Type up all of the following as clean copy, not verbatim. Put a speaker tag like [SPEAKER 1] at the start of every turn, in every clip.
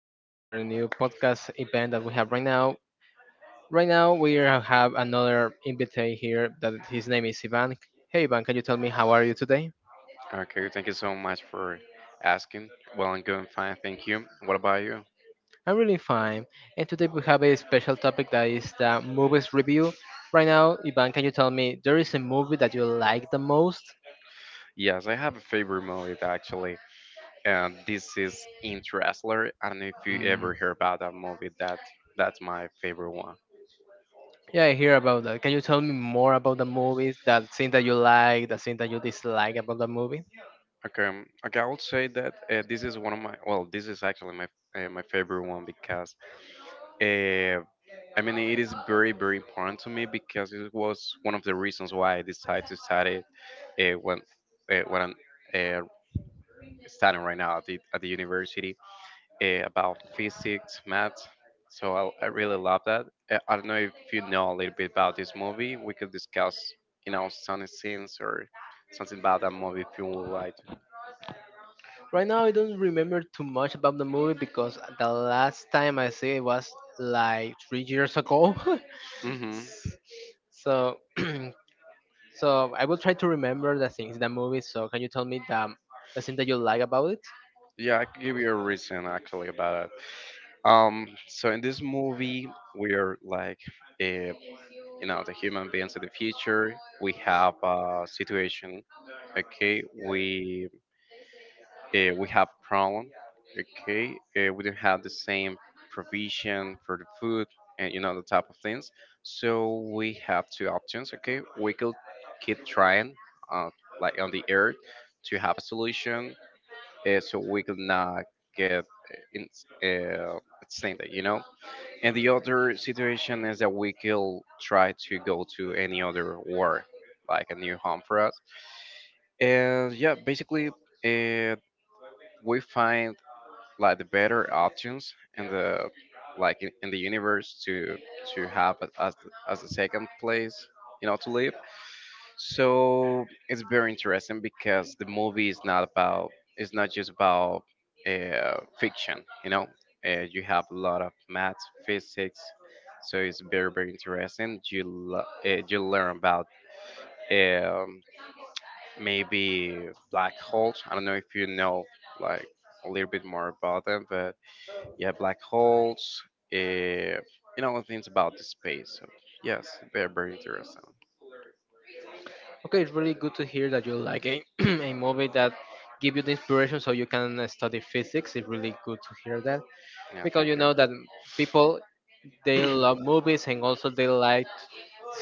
[SPEAKER 1] here in our new podcast event that we have right now. Right now, we are- have another invitee here that his name is Ivan. Hey, Ivan, can you tell me how are you today?
[SPEAKER 2] Okay, thank you so much for asking. Well, I'm doing fine, thank you. What about you?
[SPEAKER 1] I'm really fine, and today we have a special topic that is the movies review. Right now, Ivan, can you tell me there is a movie that you like the most?
[SPEAKER 2] Yes, I have a favorite movie actually, and this is Interstellar. I don't know if you ever
[SPEAKER 1] Mm.
[SPEAKER 2] hear about that movie. That's my favorite one.
[SPEAKER 1] Yeah, I hear about that. Can you tell me more about the movies, that scene that you like, the scene that you dislike about the movie?
[SPEAKER 2] Okay, I would say that this is one of my. Well, this is actually my my favorite one because uh, I mean it is very important to me because it was one of the reasons why I decided to study uh, when when I'm uh, studying right now at the university about physics, math. So I really love that. I don't know if you know a little bit about this movie. We could discuss, some scenes or something about that movie if you would like.
[SPEAKER 1] Right now, I don't remember too much about the movie because the last time I see it was like 3 years ago.
[SPEAKER 2] hmm
[SPEAKER 1] so, so I will try to remember the things in the movie. So, can you tell me the thing that you like about it?
[SPEAKER 2] Yeah, I could give you a reason actually about it. So in this movie, we're like, uh, you know, the human beings of the future. We have a situation. Okay, we we have problem. Okay, we don't have the same provision for the food, and you know the type of things. So we have two options. Okay, we could keep trying, uh, like on the earth, to have a solution. So we could not get uh, in, extended, you know. And the other situation is that we could try to go to any other war, like a new home for us. And yeah, basically, uh, we find like the better options in the universe to have as a second place, you know, to live. So it's very interesting because the movie is not about, it's not just about fiction, you know you have a lot of math, physics. So it's very interesting. You you learn about um, maybe black holes. I don't know if you know like a little bit more about them, but yeah, black holes, uh, you know, things about the space. So yes, they're very interesting.
[SPEAKER 1] Okay, it's really good to hear that you like a, a movie that give you the inspiration so you can study physics. It's really good to hear that
[SPEAKER 2] Yeah,
[SPEAKER 1] because
[SPEAKER 2] thank
[SPEAKER 1] you
[SPEAKER 2] you.
[SPEAKER 1] know that people they love movies and also they like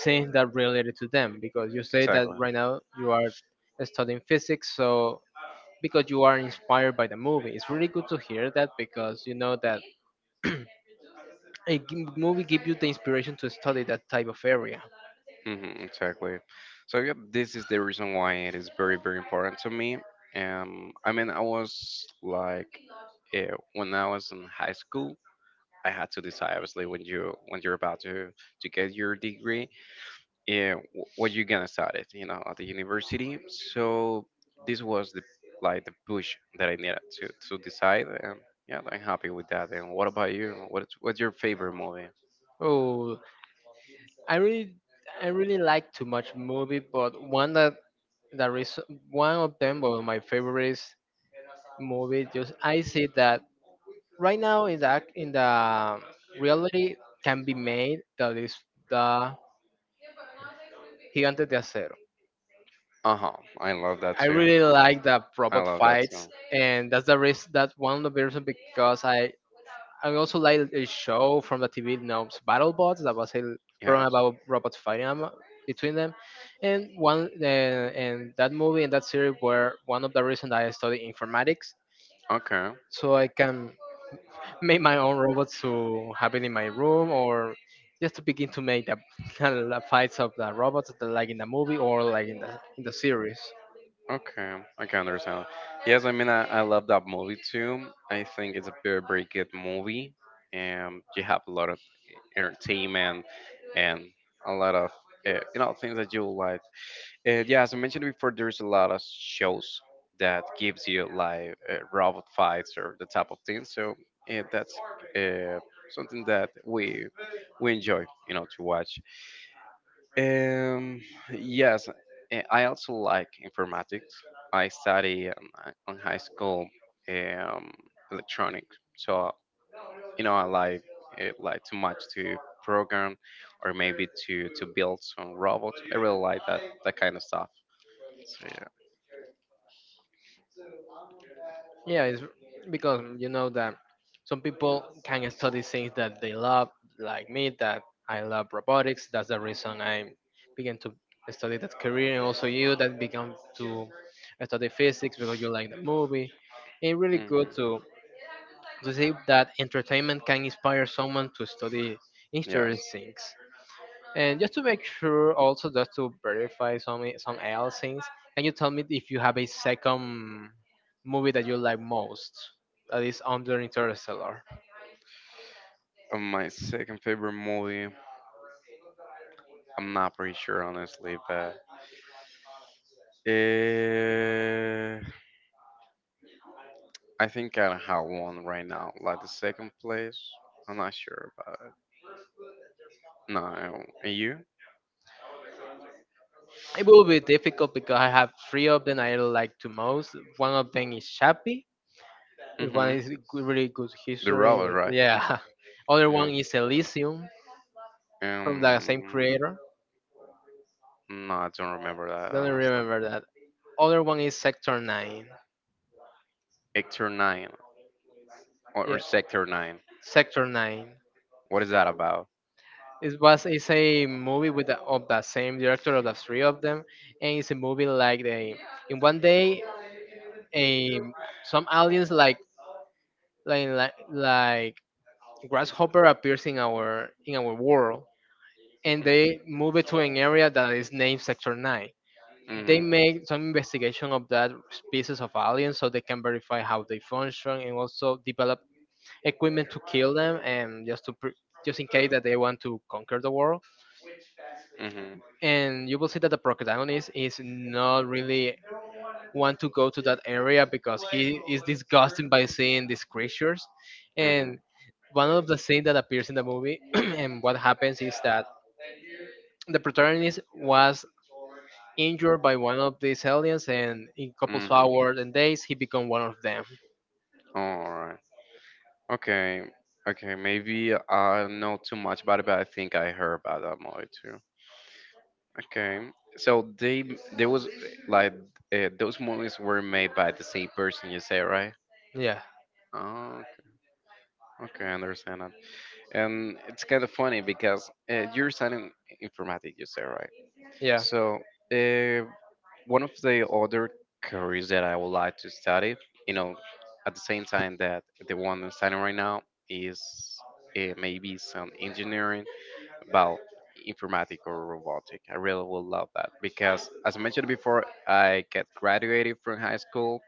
[SPEAKER 1] things that related to them because you say that
[SPEAKER 2] Exactly.
[SPEAKER 1] right now you are studying physics, so because you are inspired by the movie it's really good to hear that because you know that a g- movie give you the inspiration to study that type of area.
[SPEAKER 2] Exactly. So yeah, this is the reason why it is very, very important to me. I mean, I was like, when I was in high school, I had to decide. Obviously, when you're about to get your degree, yeah, what you gonna study, you know, at the university. So this was the like the push that I needed to decide. And yeah, I'm happy with that. And what about you? What's your favorite movie?
[SPEAKER 1] Oh, i really I really like too much movie, but one that is one of them or my favorites movie, just I see that right now in the ac- in the reality can be made, that is the Gigantes de Acero.
[SPEAKER 2] Uh huh. I love that
[SPEAKER 1] I
[SPEAKER 2] too.
[SPEAKER 1] really like the
[SPEAKER 2] I
[SPEAKER 1] robot
[SPEAKER 2] love that
[SPEAKER 1] fights,
[SPEAKER 2] too.
[SPEAKER 1] and that's the reason, that one of the reasons because I also like a show from the TV known BattleBots that was a program
[SPEAKER 2] Yes.
[SPEAKER 1] about robots fighting am- between them, and one and that movie and that series were one of the reasons I study informatics,
[SPEAKER 2] Okay.
[SPEAKER 1] so I can make my own robots to have it in my room or just to begin to make the, the fights of the robots the- like in the movie or like in the series.
[SPEAKER 2] Okay, I can understand. Yes, I mean I love that movie too. I think it's a very good movie, and you have a lot of entertainment and a lot of you know things that you like. And yeah, as I mentioned before, there's a lot of shows that gives you like robot fights or the type of thing. So yeah, that's uh, something that we enjoy, you know, to watch. Um, yes, I also like informatics. I study on high school, um, electronics. So you know I like too much to program or maybe to build some robot. I really like that kind of stuff. So
[SPEAKER 1] Yeah, it's because you know that some people can study things that they love, like me, that I love robotics. That's the reason I began to study that career, and also you that began to study physics because you like the movie. It's really
[SPEAKER 2] yeah.
[SPEAKER 1] good to believe that entertainment can inspire someone to study
[SPEAKER 2] Yes.
[SPEAKER 1] interesting things. And just to make sure, also just to verify some else things, can you tell me if you have a second movie that you like most that is under Interstellar?
[SPEAKER 2] My second favorite movie. I'm not pretty sure honestly, but uh, I think I have one right now, like the second place. I'm not sure about it. No, I don't- and you?
[SPEAKER 1] It will be difficult because I have three of them I like to most. One of them is Chappie. If One
[SPEAKER 2] Mm-hmm.
[SPEAKER 1] is good- really good
[SPEAKER 2] The
[SPEAKER 1] history.
[SPEAKER 2] robot, right?
[SPEAKER 1] Yeah. Other one
[SPEAKER 2] Yeah.
[SPEAKER 1] is Elysium from the same
[SPEAKER 2] Um,
[SPEAKER 1] creator.
[SPEAKER 2] no, I don't remember that
[SPEAKER 1] Don't
[SPEAKER 2] honestly.
[SPEAKER 1] remember that. Other one is Sector Nine.
[SPEAKER 2] Sector nine or
[SPEAKER 1] Yeah,
[SPEAKER 2] sector nine.
[SPEAKER 1] Sector Nine.
[SPEAKER 2] What is that about?
[SPEAKER 1] It was it's a movie with the, of the same director of the three of them, and it's a movie like they in one day a some aliens like like grasshopper appears in our world, and they move it to an area that is named Sector Nine. They
[SPEAKER 2] Mm-hmm.
[SPEAKER 1] make some investigation of that species of aliens so they can verify how they function, and also develop equipment to kill them and just to pr- just in case that they want to conquer the world.
[SPEAKER 2] Mm-hmm.
[SPEAKER 1] And you will see that the protagonist is not really want to go to that area because he is disgusted by seeing these creatures.
[SPEAKER 2] Mm-hmm.
[SPEAKER 1] And one of the things that appears in the movie and what happens is that the protagonist was injured by one of these aliens, and in couple of
[SPEAKER 2] Mm-hmm.
[SPEAKER 1] hours and days he become one of them.
[SPEAKER 2] All right. Okay. Okay. Maybe I know too much about it, but I think I heard about that movie too. Okay. So they there was like those movies were made by the same person. You say, right?
[SPEAKER 1] Yeah.
[SPEAKER 2] Oh, okay, I understand that. And it's kind of funny because you're studying informatics, you say, right?
[SPEAKER 1] Yeah.
[SPEAKER 2] So, uh, one of the other careers that I would like to study, you know, at the same time that the one I'm studying right now is maybe some engineering about informatic or robotic. I really would love that because, as I mentioned before, I get graduated from high school,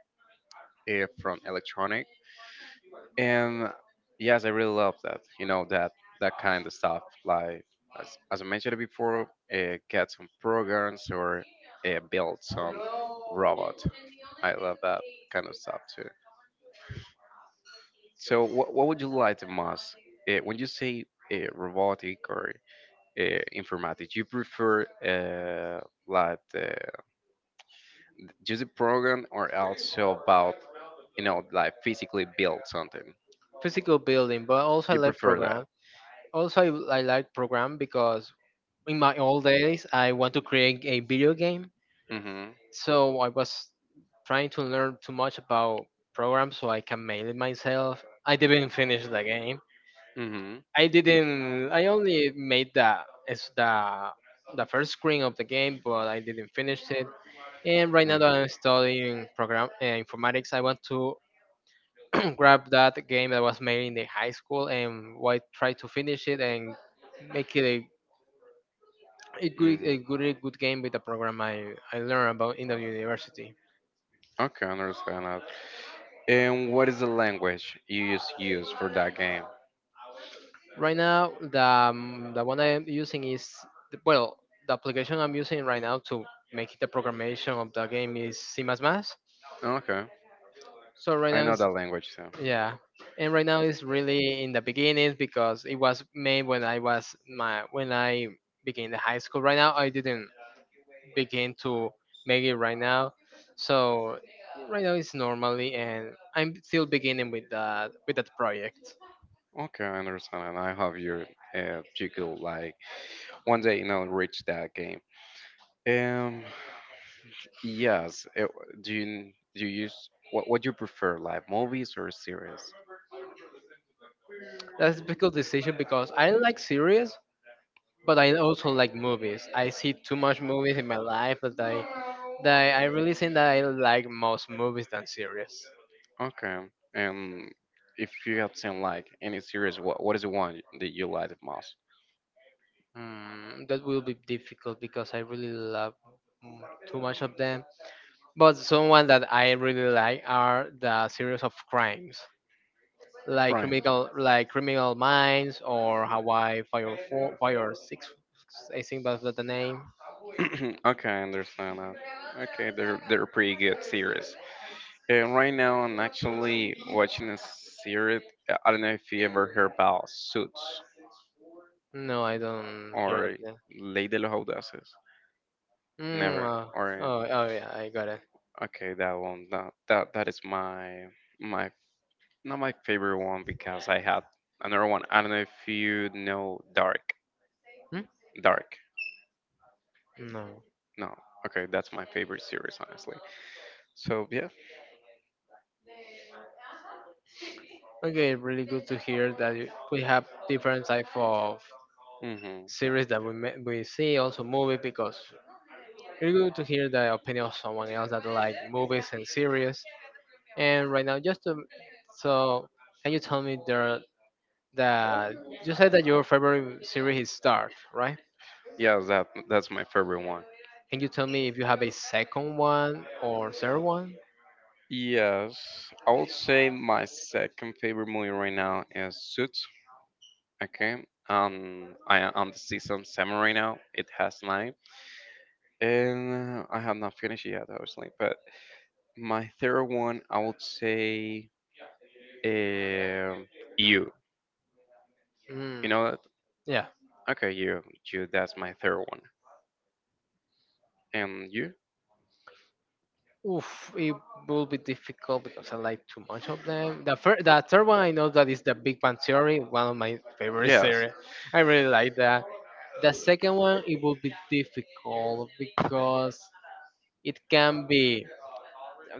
[SPEAKER 2] from electronic, and yes, I really love that. You know that that kind of stuff. Like as I mentioned before, get some programs or build some robot. I love that kind of stuff too. So what would you like the most when you say robotic or informatics? You prefer just a program or also about, you know, like physically build something?
[SPEAKER 1] Physical building, but also I
[SPEAKER 2] You
[SPEAKER 1] like
[SPEAKER 2] prefer
[SPEAKER 1] program.
[SPEAKER 2] that?
[SPEAKER 1] Also, I like program because in my old days I want to create a video game,
[SPEAKER 2] Mm-hmm.
[SPEAKER 1] so I was trying to learn too much about program so I can make it myself. I didn't finish the game.
[SPEAKER 2] Mm-hmm.
[SPEAKER 1] I didn't. I only made the it's the first screen of the game, but I didn't finish it. And right now that
[SPEAKER 2] hmm
[SPEAKER 1] I'm studying program informatics, I want to grab that game that was made in the high school and why try to finish it and make it a, a good
[SPEAKER 2] hmm
[SPEAKER 1] a good a good game with the program I learned about in the university.
[SPEAKER 2] Okay, understand that. And what is the language you use for that game?
[SPEAKER 1] Right now, the one I'm using is the- well, the application I'm using right now to make the programmation of the game is C++.
[SPEAKER 2] Okay,
[SPEAKER 1] So right
[SPEAKER 2] I
[SPEAKER 1] now
[SPEAKER 2] know
[SPEAKER 1] it's,
[SPEAKER 2] that language too.
[SPEAKER 1] yeah, and right now it's really in the beginning because it was made when I was my when I began the high school. Right now I didn't begin to make it right now, so right now it's normally and I'm still beginning with that project.
[SPEAKER 2] Okay, I understand, and I hope you you could like one day, you know, reach that game. Um, Yes. It, do you use what do you prefer, like movies or series?
[SPEAKER 1] That's a difficult decision because I like series, but I also like movies. I see too much movies in my life that I really think that I like most movies than series.
[SPEAKER 2] Okay. And if you have seen like any series, what is the one that you like the most?
[SPEAKER 1] Mm, that will be difficult because I really love, mm, too much of them. But someone that I really like are the series of crimes,
[SPEAKER 2] Prime.
[SPEAKER 1] like Criminal Minds or Hawaii Fire Four, Fire Six. I think that's the name.
[SPEAKER 2] Okay, I understand that. Okay, they're pretty good series. And right now I'm actually watching a series. I don't know if you ever heard about Suits
[SPEAKER 1] No, I don't hear of
[SPEAKER 2] or
[SPEAKER 1] that.
[SPEAKER 2] Ley de los Audaces.
[SPEAKER 1] Mm,
[SPEAKER 2] Never. Or yeah.
[SPEAKER 1] oh, oh yeah, I got it.
[SPEAKER 2] Okay, that one that that is my my not my favorite one because I had another one. I don't know if you know Dark.
[SPEAKER 1] Hmm?
[SPEAKER 2] Dark.
[SPEAKER 1] No.
[SPEAKER 2] No. Okay, that's my favorite series honestly. So yeah.
[SPEAKER 1] Okay, really good to hear that you- we have different type of
[SPEAKER 2] hmm
[SPEAKER 1] series that we ma- we see, also movie, because really good to hear the opinion of someone else that like movies and series. And right now, just to, so can you tell me there that you said that your favorite series is Star, right?
[SPEAKER 2] Yeah, that that's my favorite one.
[SPEAKER 1] Can you tell me if you have a second one or third one?
[SPEAKER 2] Yes, I would say my second favorite movie right now is Suits. Okay, I am on the season 7 right now. It has 9, and I have not finished yet, obviously. But my third one, I would say uh, you. You
[SPEAKER 1] Mm,
[SPEAKER 2] know that?
[SPEAKER 1] yeah.
[SPEAKER 2] Okay, you. You, that's my third one. And you?
[SPEAKER 1] Oof, it will be difficult because I like too much of them. The first, the third one I know that is the Big Bang Theory, one of my favorite
[SPEAKER 2] Yes.
[SPEAKER 1] series. I really like that. The second one it will be difficult because it can be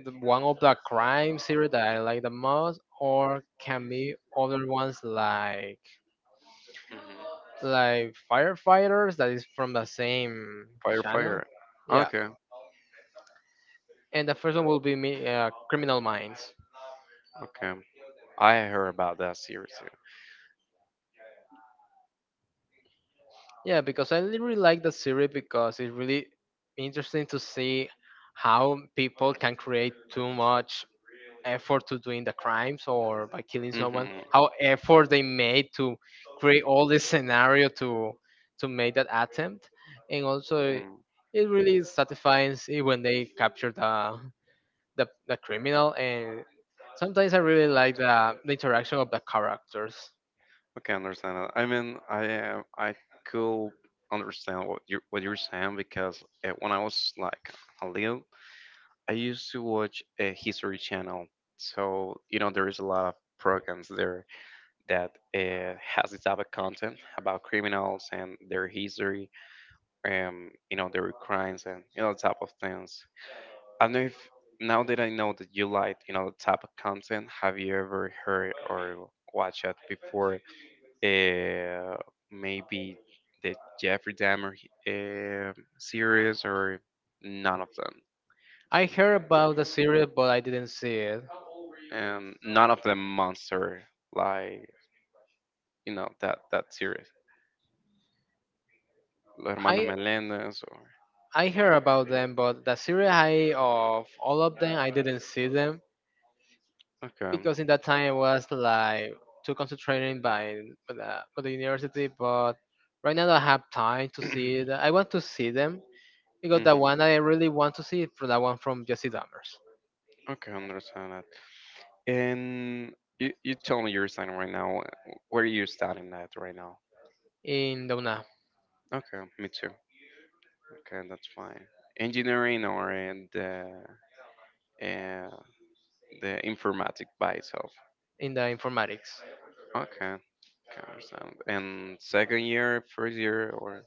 [SPEAKER 1] the- one of the crime series that I like the most, or can be other ones
[SPEAKER 2] hmm
[SPEAKER 1] like firefighters that is from the same
[SPEAKER 2] Fire,
[SPEAKER 1] channel.
[SPEAKER 2] fire.
[SPEAKER 1] Yeah,
[SPEAKER 2] Okay,
[SPEAKER 1] and the first one will be me, Criminal Minds.
[SPEAKER 2] okay. I heard about that series too.
[SPEAKER 1] Yeah, because I really like the series because it's really interesting to see how people can create too much effort to doing the crimes or by killing someone. How effort they made to create all this scenario to make that attempt, and also
[SPEAKER 2] hmm
[SPEAKER 1] it really is satisfying see when they capture the criminal. And sometimes I really like the interaction of the characters.
[SPEAKER 2] Okay, understand that. I mean, I am. I could understand what you what you're saying because when I was like a little, I used to watch a History Channel. So you know, there is a lot of programs there that has this type of content about criminals and their history, you know, their crimes and you know, type of things. I don't know if now that I know that you like, you know, the type of content, have you ever heard or watched it before? Uh, maybe the Jeffrey Dahmer uh, series or none of them.
[SPEAKER 1] I heard about the series, but I didn't see it.
[SPEAKER 2] None of them monster like you know that that series. Los Hermanos
[SPEAKER 1] I
[SPEAKER 2] Melendez or
[SPEAKER 1] I heard about them, but the series I of all of them, I didn't see them
[SPEAKER 2] okay.
[SPEAKER 1] because in that time I was like too concentrated by the university. But right now I have time to see it. I want to see them because the
[SPEAKER 2] Mhm.
[SPEAKER 1] one I really want to see is for the one from Jesse Dammers
[SPEAKER 2] Okay, understand that. And you tell me you're studying right now. Where are you studying at right now?
[SPEAKER 1] in the UNA,
[SPEAKER 2] Okay, me too. Okay, that's fine. Engineering or in uh, the informatic by itself.
[SPEAKER 1] in the informatics.
[SPEAKER 2] Okay, can understand. And second year, first year, or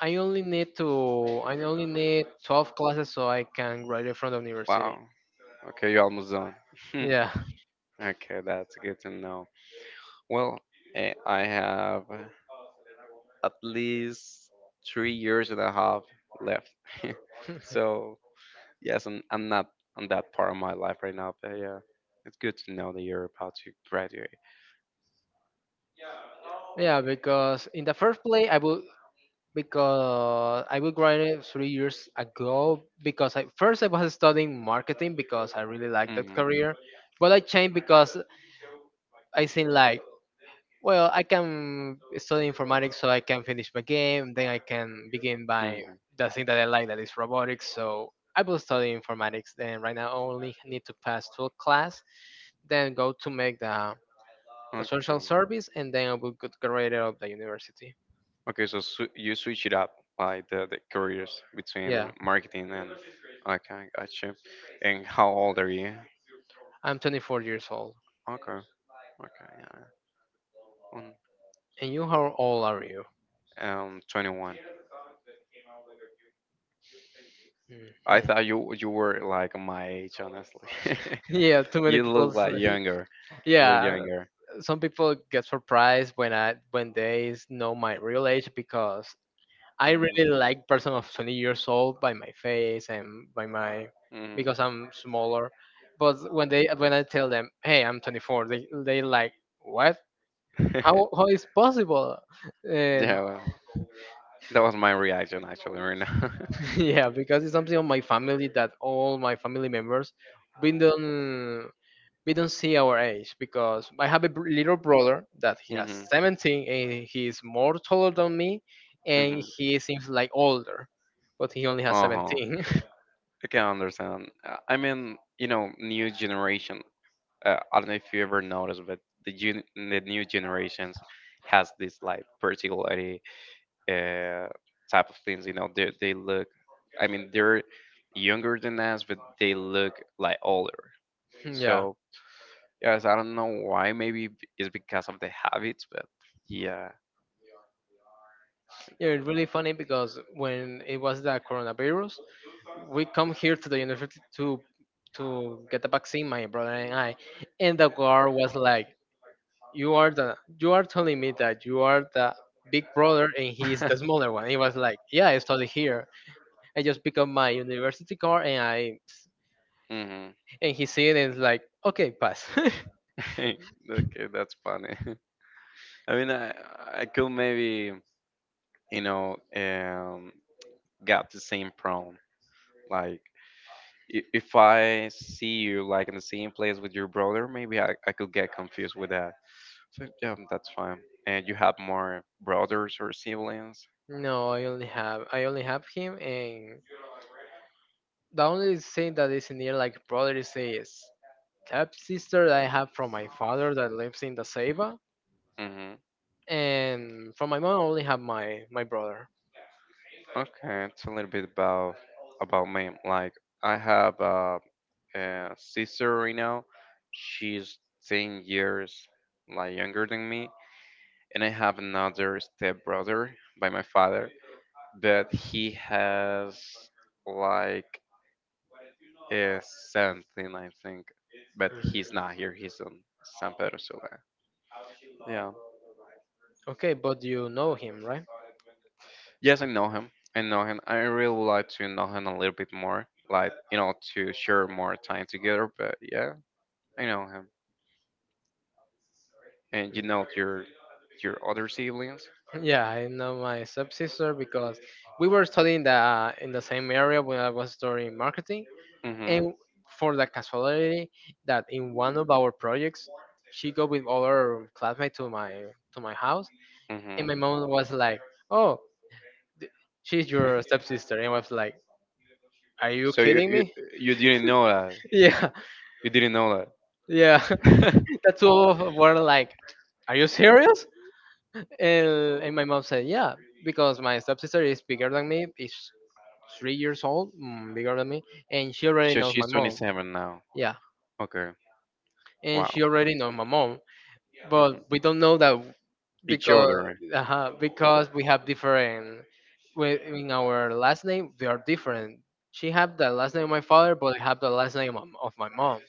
[SPEAKER 1] I only need to I only need 12 classes so I can graduate from the
[SPEAKER 2] wow.
[SPEAKER 1] university.
[SPEAKER 2] Okay, you're almost done.
[SPEAKER 1] Yeah.
[SPEAKER 2] Okay, that's good to know. Well, eh, I have. At least 3 years and a half left. So yes, I'm not on that part of my life right now, but yeah, it's good to know that you're about to graduate.
[SPEAKER 1] Yeah, because in the first place I would, because I would graduate 3 years ago because I first I was studying marketing because I really liked that
[SPEAKER 2] hmm
[SPEAKER 1] career, but I changed because I seen like, well, I can study informatics so I can finish my game. Then I can begin by
[SPEAKER 2] hmm
[SPEAKER 1] the thing that I like, that is robotics. So I will study informatics. Then right now I only need to pass 12 class, then go to make the social
[SPEAKER 2] Okay.
[SPEAKER 1] service, and then I will get graduated of the university.
[SPEAKER 2] Okay, so you switch it up like the careers
[SPEAKER 1] Yeah,
[SPEAKER 2] between marketing and okay, gotcha. And how old are you?
[SPEAKER 1] I'm 24 years old.
[SPEAKER 2] Okay. Okay. Yeah. On
[SPEAKER 1] And you, how old are you?
[SPEAKER 2] 21. I
[SPEAKER 1] Mhm.
[SPEAKER 2] thought you were like my age, honestly.
[SPEAKER 1] Yeah, too many
[SPEAKER 2] You
[SPEAKER 1] people.
[SPEAKER 2] look like
[SPEAKER 1] Say-
[SPEAKER 2] younger. You look
[SPEAKER 1] yeah,
[SPEAKER 2] younger.
[SPEAKER 1] some people get surprised when I when they s- know my real age because I
[SPEAKER 2] Mm,
[SPEAKER 1] really like person of 20 years old by my face and by my,
[SPEAKER 2] mm.
[SPEAKER 1] because I'm smaller. But when I tell them, "Hey, I'm 24," they like, "What? How is possible?" And
[SPEAKER 2] Yeah. Well, that was my reaction actually right now.
[SPEAKER 1] yeah, because it's something of my family that all my family members been done we don't see our age because I have a br- little brother that he has
[SPEAKER 2] Mhm.
[SPEAKER 1] 17 and he is more taller than me, and
[SPEAKER 2] Mhm.
[SPEAKER 1] he seems like older, but he only has
[SPEAKER 2] Uh huh.
[SPEAKER 1] 17.
[SPEAKER 2] I can understand. I mean, you know, new generation. I don't know if you ever noticed, but the new generations has this like particularly uh, type of things. You know, they look. I mean, they're younger than us, but they look like older.
[SPEAKER 1] Yeah.
[SPEAKER 2] So yes, I don't know why. Maybe it's because of the habits, but yeah.
[SPEAKER 1] Yeah, it's really funny because when it was the coronavirus, we come here to the university to get the vaccine, my brother and I, and the guard was like, "You are the you are telling me that you are the big brother and he is the smaller one." He was like, "Yeah, I study here," I just pick up my university card and I
[SPEAKER 2] hmm
[SPEAKER 1] and he see it and it's like, okay, pass.
[SPEAKER 2] okay, that's funny. I mean, I could maybe, you know um got the same problem. Like if I see you like in the same place with your brother, maybe I could get confused with that. So yeah, that's fine. And you have more brothers or siblings?
[SPEAKER 1] No, I only have him, and the only thing that is near like brother is his step sister that I have from my father that lives in the Ceiba,
[SPEAKER 2] Mm-hmm.
[SPEAKER 1] and from my mom I only have my brother.
[SPEAKER 2] Okay, it's a little bit about me. Like I have a sister right now. She's 10 years like younger than me. And I have another stepbrother by my father, but he has like a something I think. But he's
[SPEAKER 1] Mhm.
[SPEAKER 2] not here, he's on San Pedro Sula. Yeah.
[SPEAKER 1] Okay, but you know him, right?
[SPEAKER 2] Yes, I know him. I know him. I really would like to know him a little bit more, like, to share more time together, but yeah, I know him. And you
[SPEAKER 1] Mm.
[SPEAKER 2] know your other siblings?
[SPEAKER 1] Yeah, I know my stepsister because we were studying the in the same area when I was studying marketing,
[SPEAKER 2] Mm-hmm.
[SPEAKER 1] and for the casuality that in one of our projects, she go with other classmates to my house,
[SPEAKER 2] Hmm.
[SPEAKER 1] and my mom was like, "Oh, th- she's your stepsister," and I was like, "Are you
[SPEAKER 2] So you,
[SPEAKER 1] kidding
[SPEAKER 2] you
[SPEAKER 1] me?"
[SPEAKER 2] you didn't know that.
[SPEAKER 1] Yeah,
[SPEAKER 2] You didn't know
[SPEAKER 1] yeah.
[SPEAKER 2] that.
[SPEAKER 1] The two of us were like, "Are you serious?" And my mom said, yeah, because my stepsister is bigger than me, is 3 years old, bigger than me, and she already
[SPEAKER 2] So
[SPEAKER 1] knows my
[SPEAKER 2] she's
[SPEAKER 1] mom.
[SPEAKER 2] 27 now.
[SPEAKER 1] Yeah,
[SPEAKER 2] Okay.
[SPEAKER 1] and
[SPEAKER 2] Wow.
[SPEAKER 1] she already knows my mom,
[SPEAKER 2] Hmm.
[SPEAKER 1] but we don't know that
[SPEAKER 2] Each
[SPEAKER 1] because
[SPEAKER 2] other.
[SPEAKER 1] because we have different in our last name. They are different. She have the last name of my father, but I have the last name of my mom.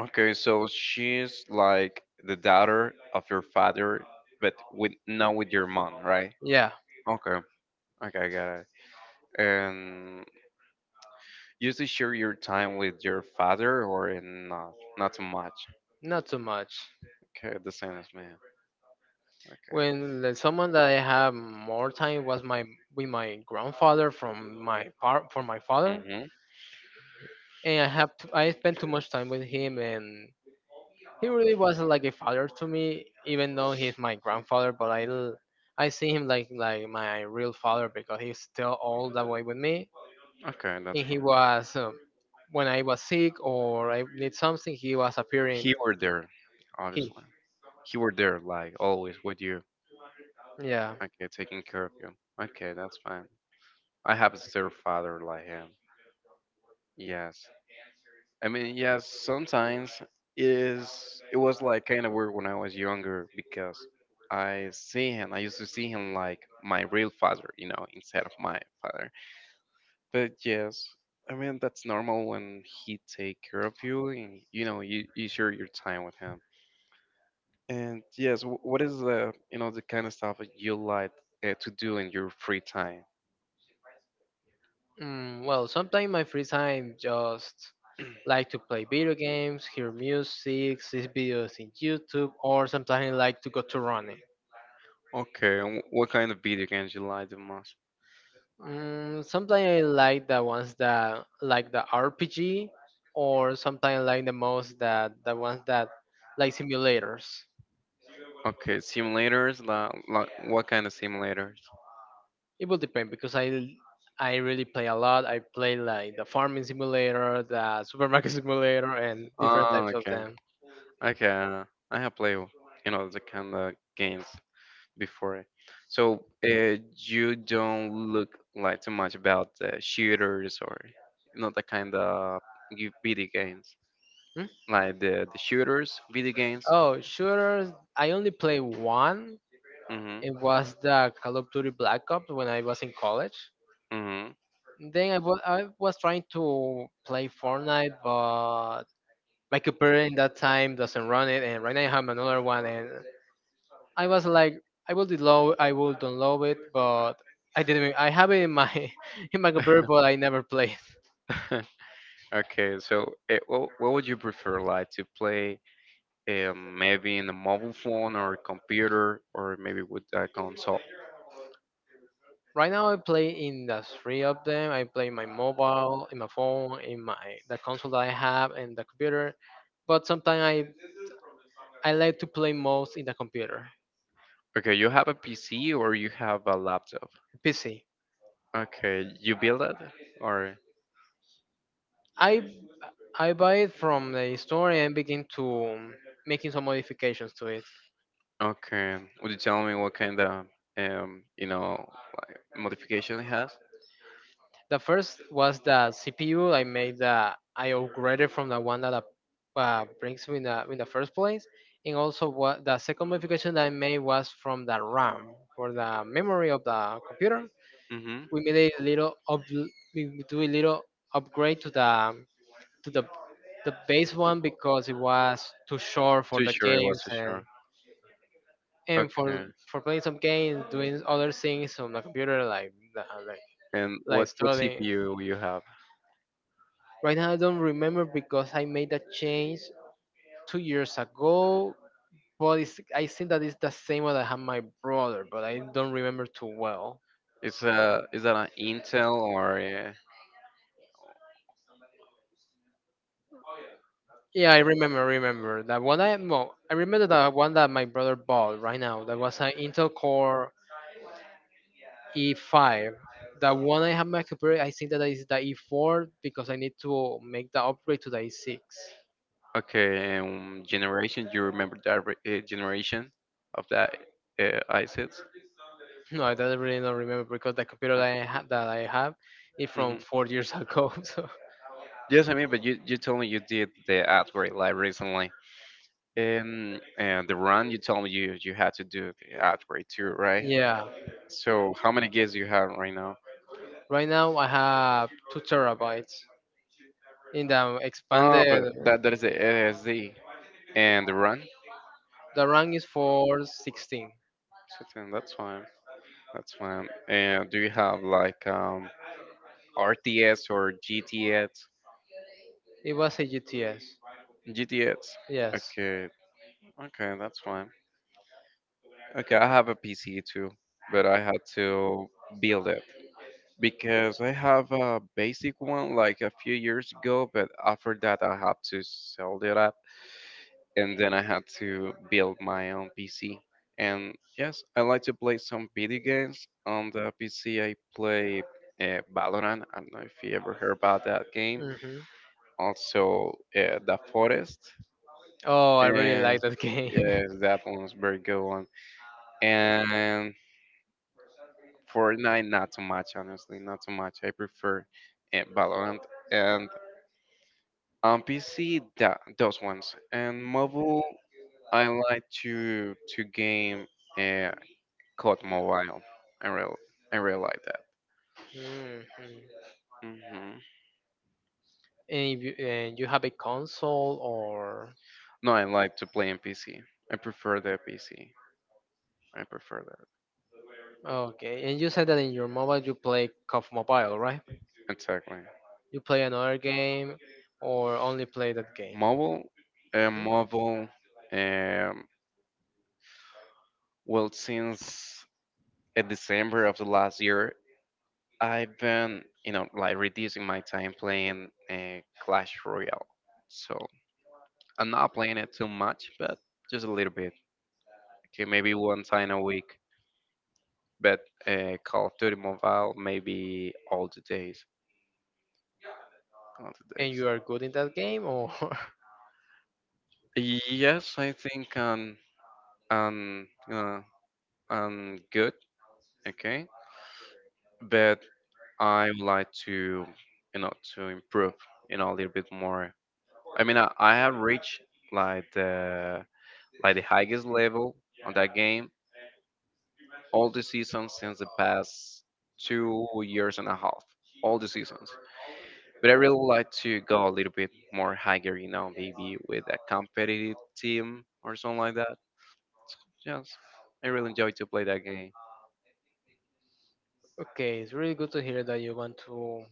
[SPEAKER 2] Okay, so she's like the daughter of your father, but with not with your mom, right?
[SPEAKER 1] Yeah,
[SPEAKER 2] Okay. Okay, I got it. And you usually share your time with your father or in not? Not so much.
[SPEAKER 1] not too much.
[SPEAKER 2] Okay, the same as me. Okay.
[SPEAKER 1] Someone that I have more time was my with my grandfather from my par from my father,
[SPEAKER 2] Mm-hmm.
[SPEAKER 1] and I spent too much time with him, and he really wasn't like a father to me, even though he's my grandfather. I see him like my real father because he's still all that way with me,
[SPEAKER 2] Okay, that's
[SPEAKER 1] and he
[SPEAKER 2] fine.
[SPEAKER 1] was when I was sick or I need something, he was appearing.
[SPEAKER 2] He were there,
[SPEAKER 1] He
[SPEAKER 2] obviously. He were there, like always with you.
[SPEAKER 1] yeah.
[SPEAKER 2] Okay, taking care of you. Okay, that's fine. I have a step father like him. Yes. I mean, yes, sometimes it was like kind of weird when I was younger because I see him, I used to see him like my real father, instead of my father. But yes, I mean that's normal when he take care of you and you share your time with him. And yes, what is the the kind of stuff that you like to do in your free time?
[SPEAKER 1] Well, sometimes my free time just like to play video games, hear music, see videos in YouTube, or sometimes I like to go to running.
[SPEAKER 2] Okay, and what kind of video games you like the most?
[SPEAKER 1] Sometimes I like the ones that like the RPG, or sometimes I like the most that the ones that like simulators.
[SPEAKER 2] Okay, simulators. What kind of simulators?
[SPEAKER 1] It will depend because I really play a lot. I play like the farming simulator, the supermarket simulator, and different
[SPEAKER 2] Oh,
[SPEAKER 1] types of
[SPEAKER 2] okay.
[SPEAKER 1] them.
[SPEAKER 2] Okay, I have played, the kind of games before. So, you don't look like too much about the shooters or not the kind of you video games,
[SPEAKER 1] Hmm?
[SPEAKER 2] like the shooters video games.
[SPEAKER 1] Oh, shooters. I only played one.
[SPEAKER 2] Mhm.
[SPEAKER 1] It was the Call of Duty Black Ops when I was in college.
[SPEAKER 2] Mhm.
[SPEAKER 1] Then I was trying to play Fortnite, but my computer in that time doesn't run it, and right now I have another one, and I was like, I will download it, but I didn't. I have it in my in my computer, but I never played.
[SPEAKER 2] Okay, so what would you prefer, like to play, maybe in a mobile phone or computer or maybe with a console?
[SPEAKER 1] Right now, I play in the three of them. I play my mobile, in my phone, in my the console that I have, and the computer. But sometimes I like to play most in the computer,
[SPEAKER 2] Okay, you have a PC or you have a laptop?
[SPEAKER 1] PC.
[SPEAKER 2] Okay, you build it or
[SPEAKER 1] I I buy it from the store and begin to making some modifications to it.
[SPEAKER 2] okay. Would you tell me what kind of um you know like modification it has?
[SPEAKER 1] The first was the CPU. I made the I upgraded from the one that brings me in the first place, and also what the second modification that I made was from the RAM for the memory of the computer.
[SPEAKER 2] Mm-hmm.
[SPEAKER 1] We made a little up, we do a little upgrade to the base one because it was too short for
[SPEAKER 2] Too
[SPEAKER 1] the
[SPEAKER 2] sure it was
[SPEAKER 1] games,
[SPEAKER 2] too sure.
[SPEAKER 1] and
[SPEAKER 2] Okay.
[SPEAKER 1] for playing some games, doing other things on the computer like
[SPEAKER 2] And
[SPEAKER 1] like
[SPEAKER 2] what
[SPEAKER 1] studying.
[SPEAKER 2] CPU you have?
[SPEAKER 1] Right now, I don't remember because I made a change 2 years ago, but it's, I think that it's the same one I have my brother, but I don't remember too well.
[SPEAKER 2] Is that an Intel or a,
[SPEAKER 1] Yeah, I remember, remember that one. I well, I remember that one that my brother bought right now. That was an Intel Core E5. The one I have my computer, I think that is the E4 because I need to make the upgrade to the E6.
[SPEAKER 2] okay, generation. You remember that generation of that ISIS?
[SPEAKER 1] No, I don't really don't remember because the computer that
[SPEAKER 2] Okay.
[SPEAKER 1] that I have is from
[SPEAKER 2] Mhm.
[SPEAKER 1] 4 years ago. So
[SPEAKER 2] Yes, I mean, but you told me you did the upgrade like recently. And the run you told me you you had to do the upgrade too, right?
[SPEAKER 1] yeah.
[SPEAKER 2] So how many gigs you have right now?
[SPEAKER 1] Right now I have two terabytes. In the
[SPEAKER 2] Ah,
[SPEAKER 1] expanded,
[SPEAKER 2] but that that is the ASD and the run.
[SPEAKER 1] the RAM is for 16.
[SPEAKER 2] So then that's fine. That's fine. And do you have like RTS or GTS?
[SPEAKER 1] It was a UTS.
[SPEAKER 2] GTS.
[SPEAKER 1] Yes.
[SPEAKER 2] Okay, okay, that's fine. Okay, I have a PC too, but I had to build it because I have a basic one like a few years ago, but after that I had to sell it up and then I had to build my own PC. And yes, I like to play some video games on the PC. I play Valorant. I don't know if you ever heard about that game.
[SPEAKER 1] Hmm.
[SPEAKER 2] Also, The Forest.
[SPEAKER 1] Oh, I really like
[SPEAKER 2] And
[SPEAKER 1] that game.
[SPEAKER 2] yes, that one was very good one. And Fortnite, not too much, honestly, not too much. I prefer Valorant and on PC, that those ones. And mobile, I like to game uh, COD Mobile. I real I really like that.
[SPEAKER 1] Mhm.
[SPEAKER 2] Hmm.
[SPEAKER 1] And if you, and you have a console or...
[SPEAKER 2] No, I like to play in PC. I prefer the PC. I prefer
[SPEAKER 1] Okay, and you said that in your mobile you play COF Mobile, right?
[SPEAKER 2] that. Exactly.
[SPEAKER 1] You play another game or only play that game?
[SPEAKER 2] Mobile,
[SPEAKER 1] Hmm?
[SPEAKER 2] mobile. Um, Well, since December of the last year, I've been, like reducing my time playing Clash Royale. So I'm not playing it too much, but just a little bit. Okay, maybe one time a week. But Call of Duty Mobile, maybe all the days. All the
[SPEAKER 1] And you are good in that game or...
[SPEAKER 2] days. Yes, I think I'm, uh, I'm good. Okay, but I would like to, to improve a little bit more. I have reached like the like the highest level on that game all the seasons since the past 2 years and a half, all the seasons, but I really would like to go a little bit more higher, you know, maybe with a competitive team or something like that. Yes, I really enjoy to play that game.
[SPEAKER 1] Okay, it's really good to hear that you want to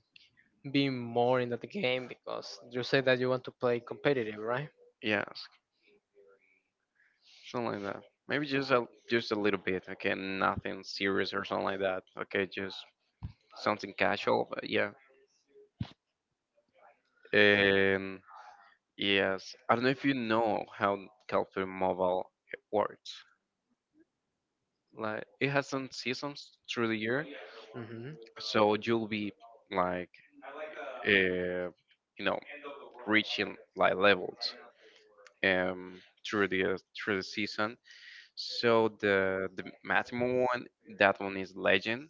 [SPEAKER 1] be more in that game because you said that you want to play competitive, right?
[SPEAKER 2] Yes, something like that. Maybe just a little bit. Okay, nothing serious or something like that. Okay, just something casual, but yeah. And yes, I don't know if you know how Calpur Mobile works. Like it has some seasons through the year,
[SPEAKER 1] Hmm.
[SPEAKER 2] so you'll be like, uh, you know, reaching like levels um through the season. So the Matimo one, that one is legend.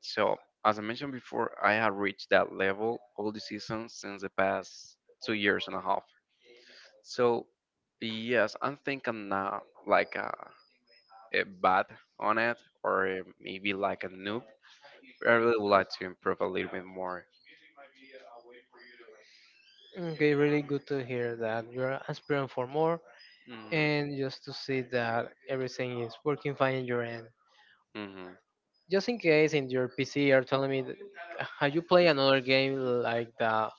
[SPEAKER 2] So as I mentioned before, I have reached that level all the seasons since the past 2 years and a half. So yes, I'm thinking now like a bad on it or maybe like a noob. I really would like to improve a little bit more.
[SPEAKER 1] Okay, really good to hear that you're aspiring for more,
[SPEAKER 2] Hmm.
[SPEAKER 1] and just to see that everything is working fine in your end.
[SPEAKER 2] Hmm.
[SPEAKER 1] Just in case in your PC are telling me that, have you play another game like that,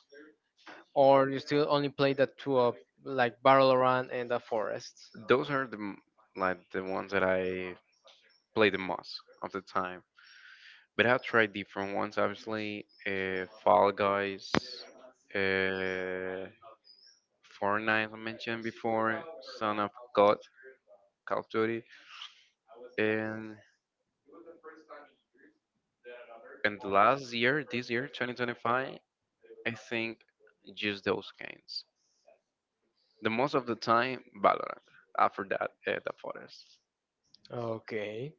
[SPEAKER 1] or you still only play the two of like Battle Around and the Forest.
[SPEAKER 2] Those are like the ones that I play the most of the time. But I've tried different ones, obviously. Fall Guys, uh, Fortnite, I mentioned before, Son of God, Call of Duty. And, and last year, this year, 2025, I think just those games. The most of the time, Valorant. After that, The Forest.
[SPEAKER 1] Okay.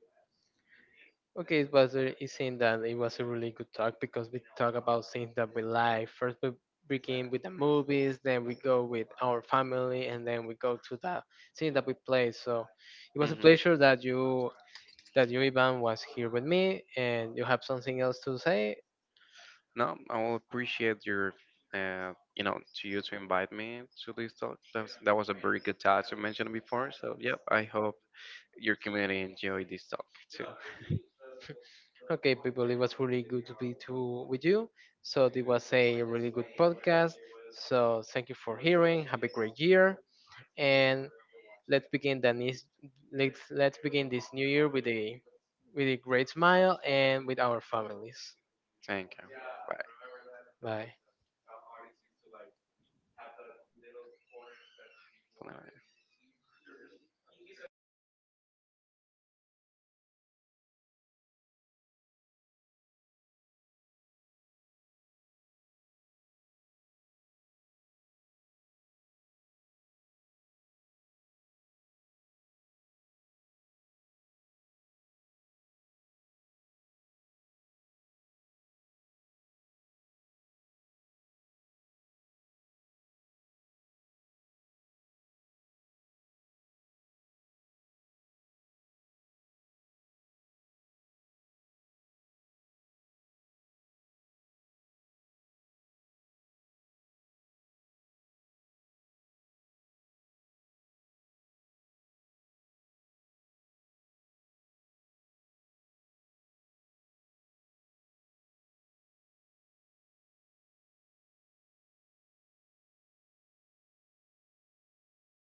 [SPEAKER 1] Okay, it seemed that it was a really good talk because we talk about things that we like. First we begin with the movies, then we go with our family, and then we go to the thing that we play. So it was a
[SPEAKER 2] Hmm.
[SPEAKER 1] pleasure that you Ivan was here with me and you have something else to say.
[SPEAKER 2] No, I will appreciate your, to you to invite me to this talk. That was a very good talk you mentioned before. So, yep, I hope your community enjoyed this talk too.
[SPEAKER 1] Okay, people, it was really good to be to with you. So it was a really good podcast. So thank you for hearing. Have a great year, and let's begin the nis- let's begin this new year with a great smile and with our families.
[SPEAKER 2] Thank you.
[SPEAKER 1] Bye.
[SPEAKER 2] Bye.